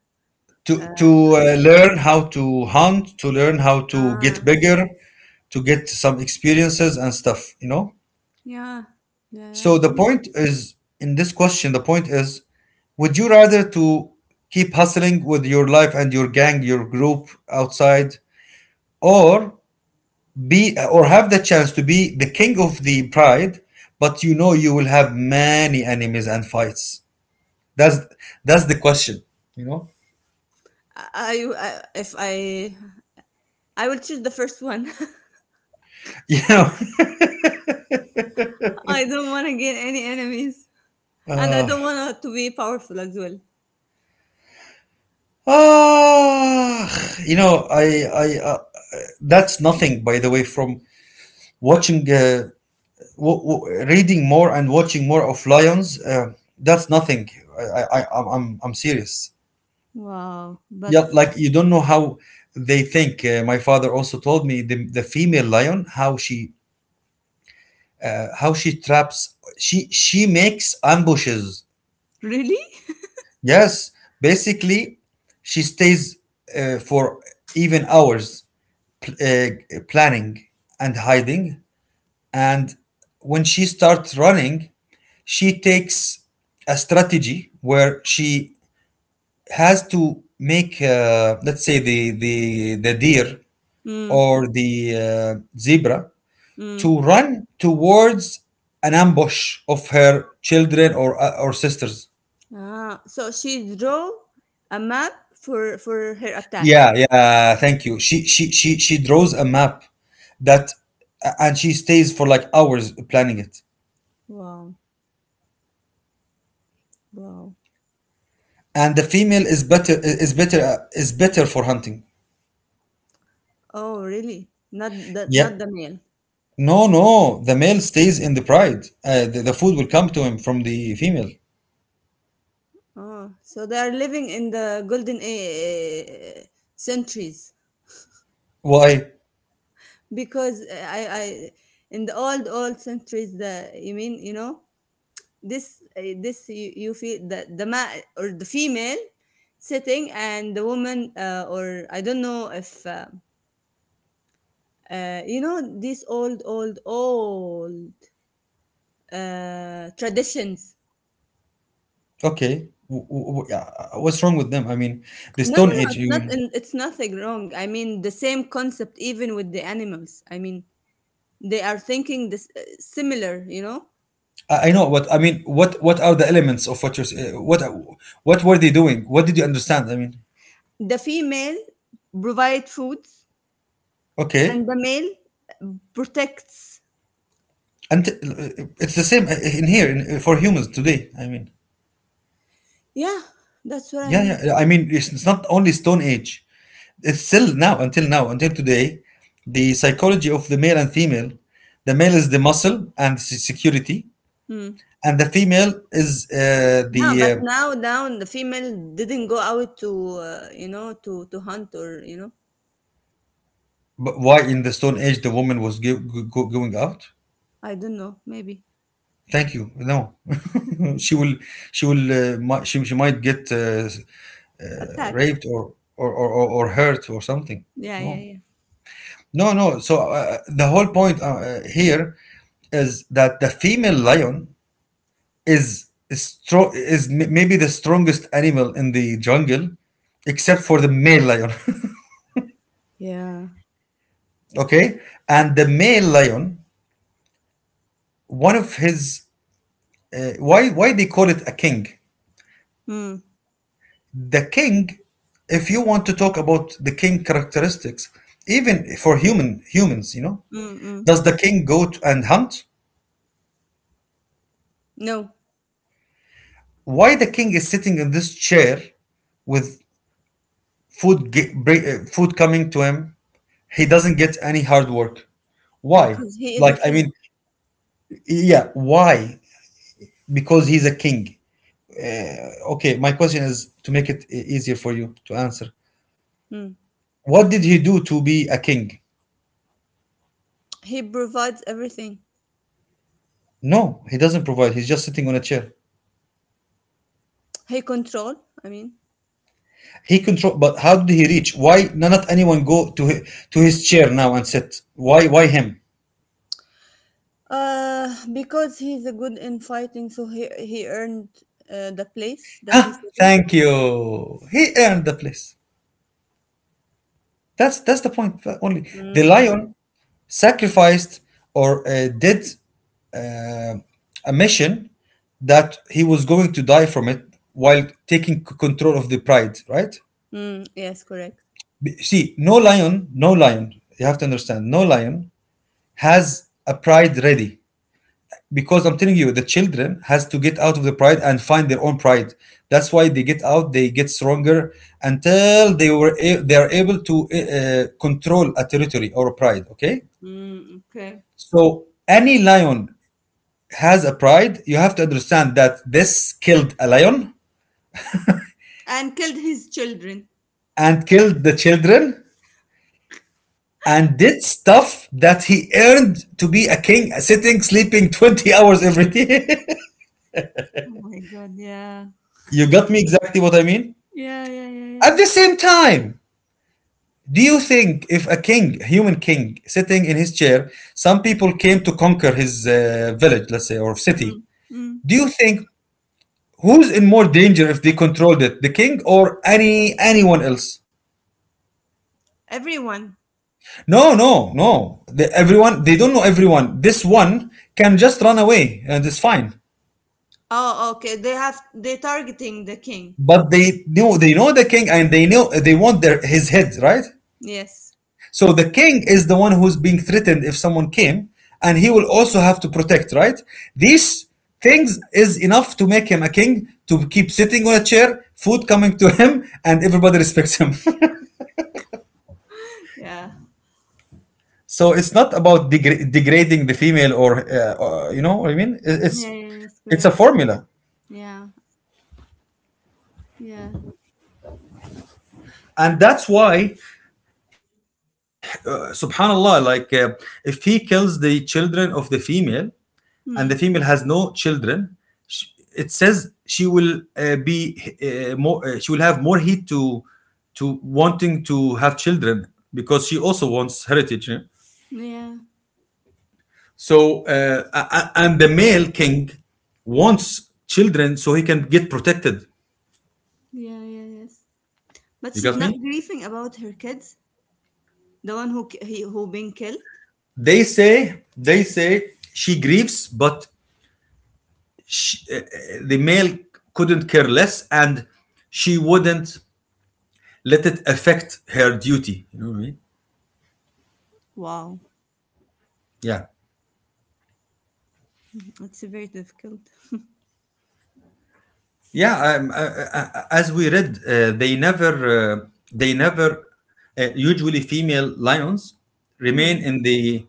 To to uh, uh, learn how to hunt, to learn how to get ah. bigger, to get some experiences and stuff, you know. Yeah. Yeah. Yeah, I So the think. point is, in this question, the point is, would you rather to keep hustling with your life and your gang, your group, outside, or be or have the chance to be the king of the pride, but you know you will have many enemies and fights. That's that's the question, you know. I, I if I I will choose the first one. you know I don't want to gain any enemies, and I uh, don't want to be powerful as well. Ah, you know, I, I, uh, that's nothing, by the way, from watching, uh, w- w- reading more and watching more of lions. Uh, that's nothing. I, I, I- I'm, I'm I'm serious. Wow, Yeah, but like you don't know how they think. Uh, my father also told me, the, the female lion, how she uh, how she traps. She she makes ambushes. really? Yes, basically, she stays uh, for even hours, pl- uh, planning and hiding. And when she starts running, she takes a strategy where she has to make, uh, let's say, the, the, the deer Mm, or the uh, zebra, mm. to run towards an ambush of her children, or, uh, or sisters. Ah, so she draw a map for for her attack. Yeah, yeah. Thank you. She she she she draws a map that, uh, and she stays for like hours planning it. Wow, wow. And the female is better is better uh, is better for hunting. Oh, really? Not the not Yeah. the male? No, no, the male stays in the pride. Uh, the, the food will come to him from the female. Oh, so they are living in the golden uh, centuries Why? because uh, I I in the old old centuries the you mean you know this uh, this you, you feel the the ma- or the female sitting and the woman uh, or I don't know if uh, uh, you know these old old old uh, traditions. Okay. W- w- w- yeah, uh, what's wrong with them? I mean, the No, no, Stone no. Age, It's you not. mean? It's nothing wrong. I mean the same concept even with the animals. I mean they are thinking this uh, similar. You know I I know what I mean. What what are the elements of what you're s- uh, what what were they doing? What did you understand? I mean, the female provide food okay, and the male protects. and uh, it's the same uh, in here, in, uh, for humans today. I mean, Yeah, that's what I yeah, mean. yeah, yeah. I mean, it's, it's not only Stone Age. It's still now, until now, until today, the psychology of the male and female. The male is the muscle and se- security, Hmm. and the female is uh, No, the. but Uh, now down the female didn't go out to uh, you know to to hunt or you know but why in the Stone Age the woman was go- go- go- going out? I don't know maybe Thank you. No, she will. She will. Uh, mi- she she might get uh, uh, attacked. raped, or or, or or or hurt, or something. Yeah, yeah, No. yeah, No, no. So uh, uh, the whole point uh, uh, here is that the female lion is strong, is m- maybe the strongest animal in the jungle, except for the male lion. yeah. okay, and the male lion, one of his uh, why why they call it a king? Mm, The king, if you want to talk about the king characteristics, even for human humans, you know, mm, mm. does the king go to and hunt? No, Why the king is sitting in this chair with food ge- bring, uh, food coming to him? He doesn't get any hard work. Why? because he is a like i mean king. yeah, why? Because he's a king. Okay, my question is to make it e- easier for you to answer, Mm. what did he do to be a king? He provides everything. No, he doesn't provide, he's just sitting on a chair. He control. I mean, He control, but how did he reach? Why? No, not anyone go to his, to his chair now and sit? Why why him? uh, because he's a good in fighting, so he he earned uh, the place that Huh, he's sitting. thank you, he earned the place. That's that's the point, uh, only. The Mm, lion sacrificed or uh, did uh, a mission that he was going to die from it while taking c- control of the pride, right? mm, yes, correct. B- See, no lion, no lion, you have to understand, no lion has a pride ready. Because I'm telling you, the children has to get out of the pride and find their own pride. That's why they get out, they get stronger until they were a- they are able to uh, uh, control a territory or a pride. Okay. Mm, okay, So any lion has a pride. You have to understand that this killed a lion and killed his children. and killed the children and did stuff that he earned to be a king, sitting, sleeping twenty hours every day. Oh my God! Yeah. You got me exactly what I mean? Yeah, yeah, yeah, At yeah. the same time, do you think if a king, human king, sitting in his chair, some people came to conquer his uh, village, let's say, or city? Mm, mm. Do you think who's in more danger if they controlled it, the king or any anyone else? Everyone. No, no, no. The, everyone, they don't know everyone. This one can just run away and it's fine. Oh, okay. They have they targeting the king. But they know, they know the king and they know they want their his head, right? Yes. So the king is the one who's being threatened if someone came, and he will also have to protect, right? These things is enough to make him a king, to keep sitting on a chair, food coming to him, and everybody respects him. Yeah. So it's not about degra- degrading the female or uh, uh, you know what I mean. It- Yeah, It's yeah, yes, it's a correct. formula. Yeah. Yeah. And that's why he, he uh, subhanallah, like uh, if he kills the children of the female, and the Hmm. female has no children, sh it says she will uh, be uh, more uh, she will have more heat to to wanting to have children, because she also wants heritage, you know? Yeah. So uh, a- a- and the male king wants children so he can get protected. Yeah, yeah, yes. But You she's got not me. grieving about her kids. The one who ki- he, who been killed. They say, they say she grieves, but sh uh, the male couldn't care less, and she wouldn't let it affect her duty, you know what I mean. Wow. Yeah. It's very difficult. Yeah, um, uh, uh, as we read, uh, they never uh, they never uh, usually female lions Hmm. remain in the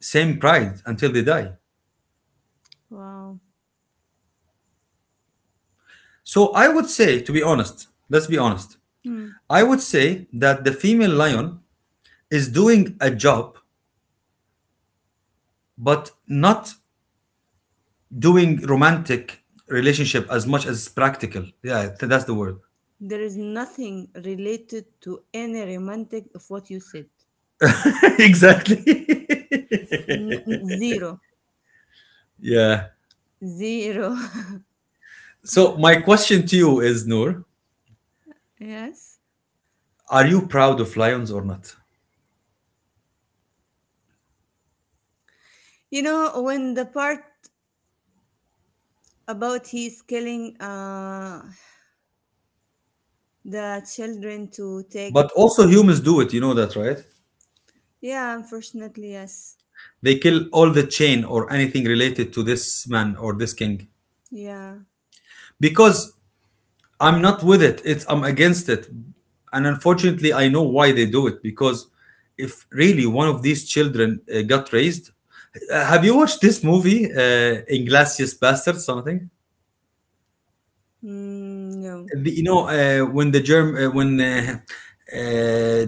same pride until they die. Wow. So I would say, to be honest, let's be honest, Hmm. I would say that the female lion is doing a job, but not doing romantic relationship as much as practical. Yeah, th- that's the word. There is nothing related to any romantic of what you said. Exactly. N- n- zero. Yeah. Zero. So my question to you is, Noor, Yes. are you proud of lions or not? You know, when the part about he's killing uh the children to take, But also humans do it, you know that, right? yeah, unfortunately yes. They kill all the chain or anything related to this man or this king. Yeah. Because I'm not with it. It's I'm against it. And unfortunately, I know why they do it, because if really one of these children uh, got raised, Uh, have you watched this movie, uh, Inglorious Bastard? Something? Mm, no. The, you know, uh, when the Germ uh, when uh, uh,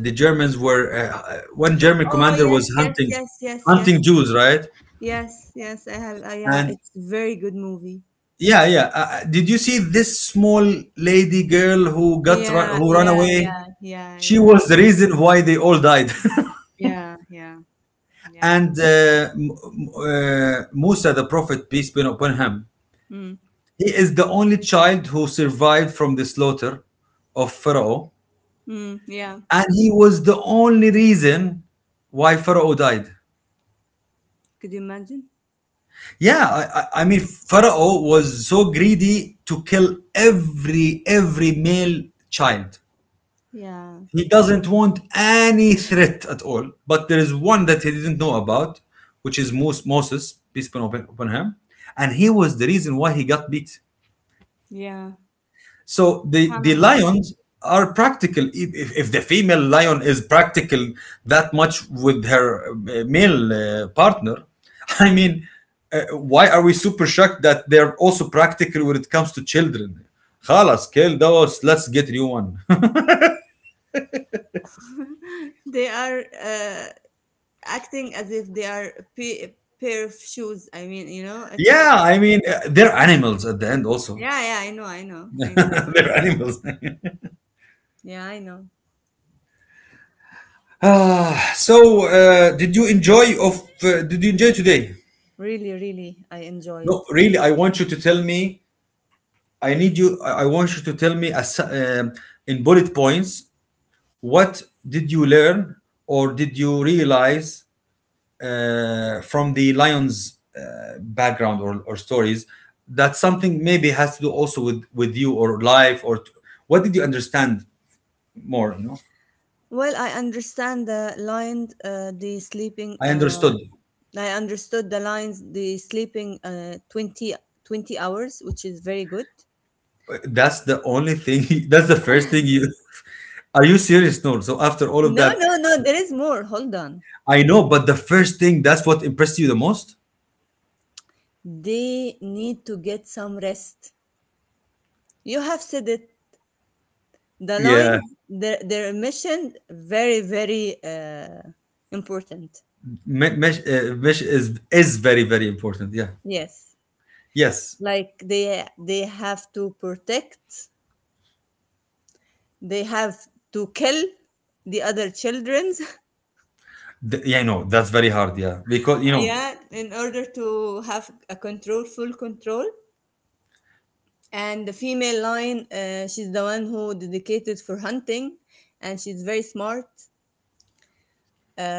the Germans were uh, uh, one German Oh commander yes, was yes, hunting yes, yes, yes. hunting Jews, right? Yes, yes, I have uh, yeah, And it's very good movie. yeah, yeah. Uh, uh, did you see this small lady girl who got ru- Yeah, who ran yeah, away? yeah, yeah, She yeah, was the reason why they all died. yeah, yeah, yeah. And uh, M- uh, Musa, the prophet, peace be upon him, Mm, he is the only child who survived from the slaughter of Pharaoh, mm, yeah. and he was the only reason why Pharaoh died. Could you imagine? Yeah, I, I I mean, Pharaoh was so greedy to kill every every male child. Yeah, He doesn't want any threat at all. But there is one that he didn't know about, which is Mos- Moses, peace be upon upon him, and he was the reason why he got beat. yeah. So the the Subhanallah. lions are practical. If, if if the female lion is practical that much with her uh, male uh, partner, I Mm. mean, uh, why are we super shocked that they're also practical when it comes to children? خلاص kill those. Let's get new one. They are. Uh, acting as if they are a pa- pair of shoes. I mean, you know, it's Yeah, I mean, uh, they're animals at the end also. yeah, yeah. I know, I know, I know. They're animals. Yeah, I know. Ah, so uh, did you enjoy of uh, did you enjoy today? Really, really, I enjoyed. No, really, I want you to tell me, I need you. I I want you to tell me as um, in bullet points what did you learn or did you realize uh, from the Lions uh, background or, or stories that something maybe has to do also with with you or life or t- what did you understand more? You know, Well, I understand the line, uh, the sleeping. I Uh, understood. I understood the lines, the sleeping uh, twenty, twenty hours, which is very good. uh, That's the only thing. That's the first thing you. Are you serious? No. So after all of No, that, no, no. There is more. Hold on. I know, but the first thing, that's what impressed you the most. They need to get some rest. You have said it. The Yeah. line, their their mission, very very uh, important. Me- mesh, uh, mesh is is very very important, yeah. Yes, Yes. like they they have to protect, they have to kill the other childrens. Th- yeah, I know, that's very hard, yeah, because you know. Yeah, in order to have a control, full control. And the female lion, uh, she's the one who dedicated for hunting, and she's very smart.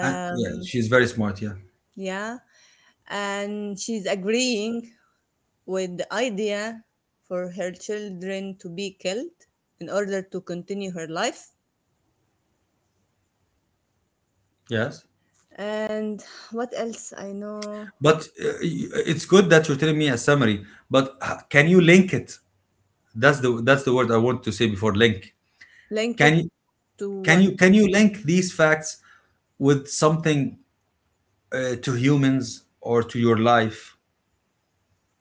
uh, Yeah, she's very smart, yeah. yeah, and she's agreeing with the idea for her children to be killed in order to continue her life. Yes. And what else I know? But uh, y- it's good that you're telling me a summary, but h- can you link it? that's the that's the word I want to say, before link, Link can it you to can what? you can you link these facts with something, uh, to humans or to your life?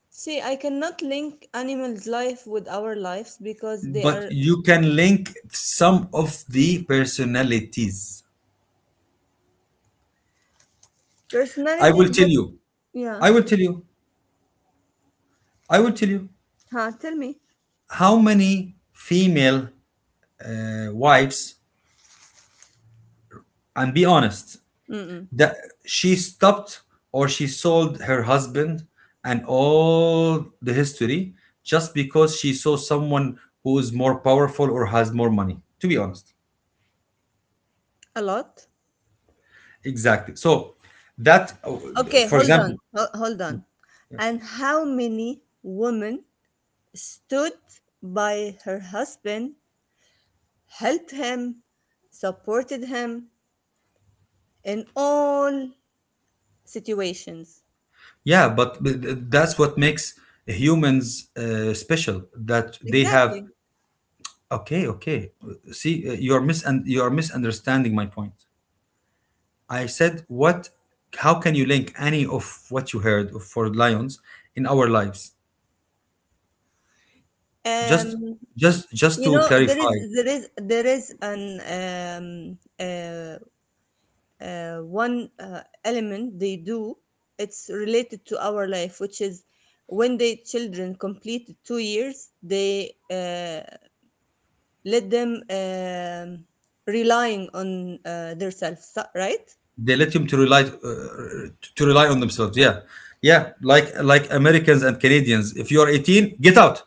See, I cannot link animals' life with our lives because they But are you can link some of the personalities. I personalities will tell that, you, yeah. I will tell you. I will tell you. Huh, tell me. How many female uh, wives, and be honest, Mm-mm. that she stopped or she sold her husband and all the history just because she saw someone who is more powerful or has more money. To be honest, A lot. exactly. So that, uh, Okay, for hold example, on. Ho- hold on. And how many women stood by her husband helped him, supported him in all situations. yeah, but but that's what makes humans uh, special. That they have. Exactly. Okay, okay. See, uh, you're mis and you're misunderstanding my point. I said what, how can you link any of what you heard of for lions in our lives? Just Um, just just you to know, there is clarify, there is there is an um, uh, uh, one uh, element they do. It's related to our life, which is when the children complete two years, they uh, let them um, relying on uh, themselves, right? they let them to rely uh, to rely on themselves. Yeah. Yeah, like like Americans and Canadians. If you're eighteen, get out.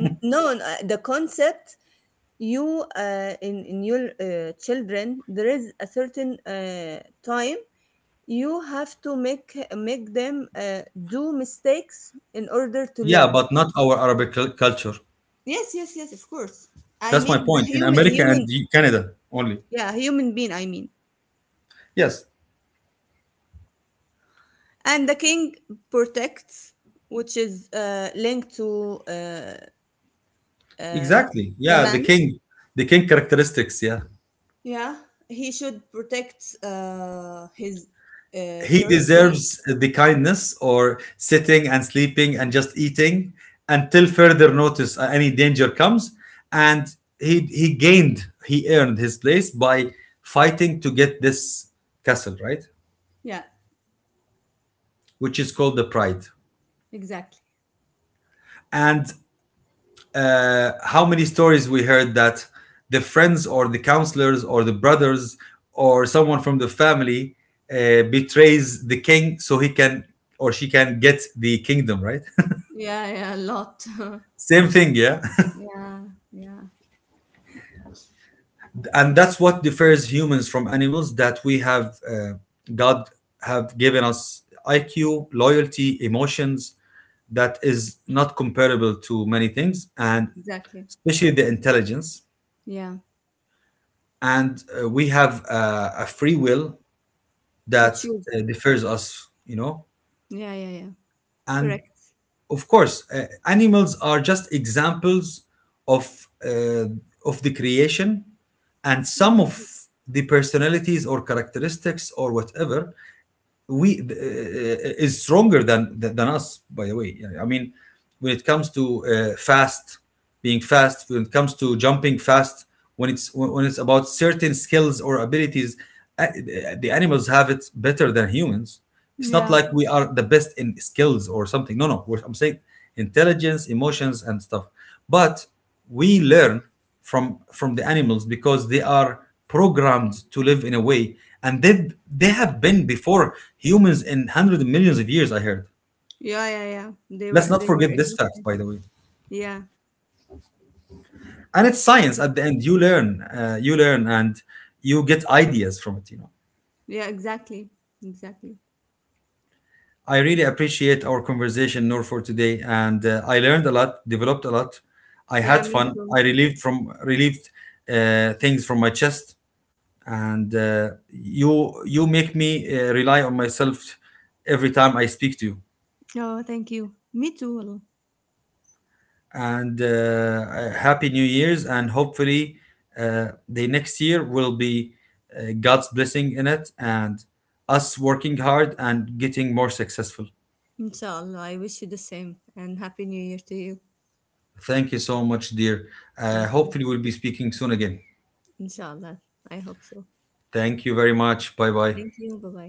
N- No, n- uh, the concept you uh, in in your uh, children there is a certain uh, time you have to make make them uh, do mistakes in order to Yeah, learn. but not our Arabic cul- culture. Yes, yes, yes, of course. I That's my mean the point. In human America human and the- Canada only. yeah, human being, I mean. Yes, And the king protects, which is uh, linked to uh, uh, exactly. the Yeah, man. the king the king characteristics, yeah. Yeah, he should protect uh, his uh, He territory. deserves the kindness or sitting and sleeping and just eating until further notice, uh, any danger comes, and he he gained, he earned his place by fighting to get this castle, right? Yeah, Which is called the pride. exactly. And uh, how many stories we heard that the friends or the counselors or the brothers or someone from the family uh, betrays the king so he can or she can get the kingdom, right? Yeah, yeah, a lot. Same thing, yeah. Yeah, yeah, And that's what differs humans from animals, that we have, uh, God have given us I Q, loyalty, emotions that is not comparable to many things, and exactly. especially the intelligence. Yeah, And uh, we have uh, a free will to that choose. uh, differs us, you know. Yeah, yeah, yeah. And Correct. of course, uh, animals are just examples of uh, of the creation, and some Mhm. of the personalities or characteristics or whatever we uh, uh, is stronger than than us. By the way, I mean, when it comes to uh, fast, being fast, when it comes to jumping fast, when it's when it's about certain skills or abilities, uh, the animals have it better than humans. It's not Yeah, like we are the best in skills or something. No, no. We're, I'm saying intelligence, emotions, and stuff. But we learn from from the animals because they are programmed to live in a way, and they they have been before humans in hundreds of millions of years, I heard. yeah, yeah, yeah. They were, Let's not they were forget this existing. fact, by the way. Yeah, And it's yeah, science. At the end, you learn, uh, you learn, and you get ideas from it, you know. yeah. Exactly, exactly. I really appreciate our conversation, Noor, for today, and uh, I learned a lot, developed a lot. I Yeah, had me fun. too. I relieved from relieved uh, things from my chest, and uh, you you make me uh, rely on myself every time I speak to you. Oh, thank you. Me too. والله. And uh, uh, happy New Year's, and hopefully uh, the next year will be uh, God's blessing in it, and us working hard and getting more successful. Inshallah, I wish you the same, and happy New Year to you. Thank you so much, dear. Uh, Thank you. Hopefully, we'll be speaking soon again. Inshallah, I hope so. Thank you very much. Bye bye. Thank you. Bye bye.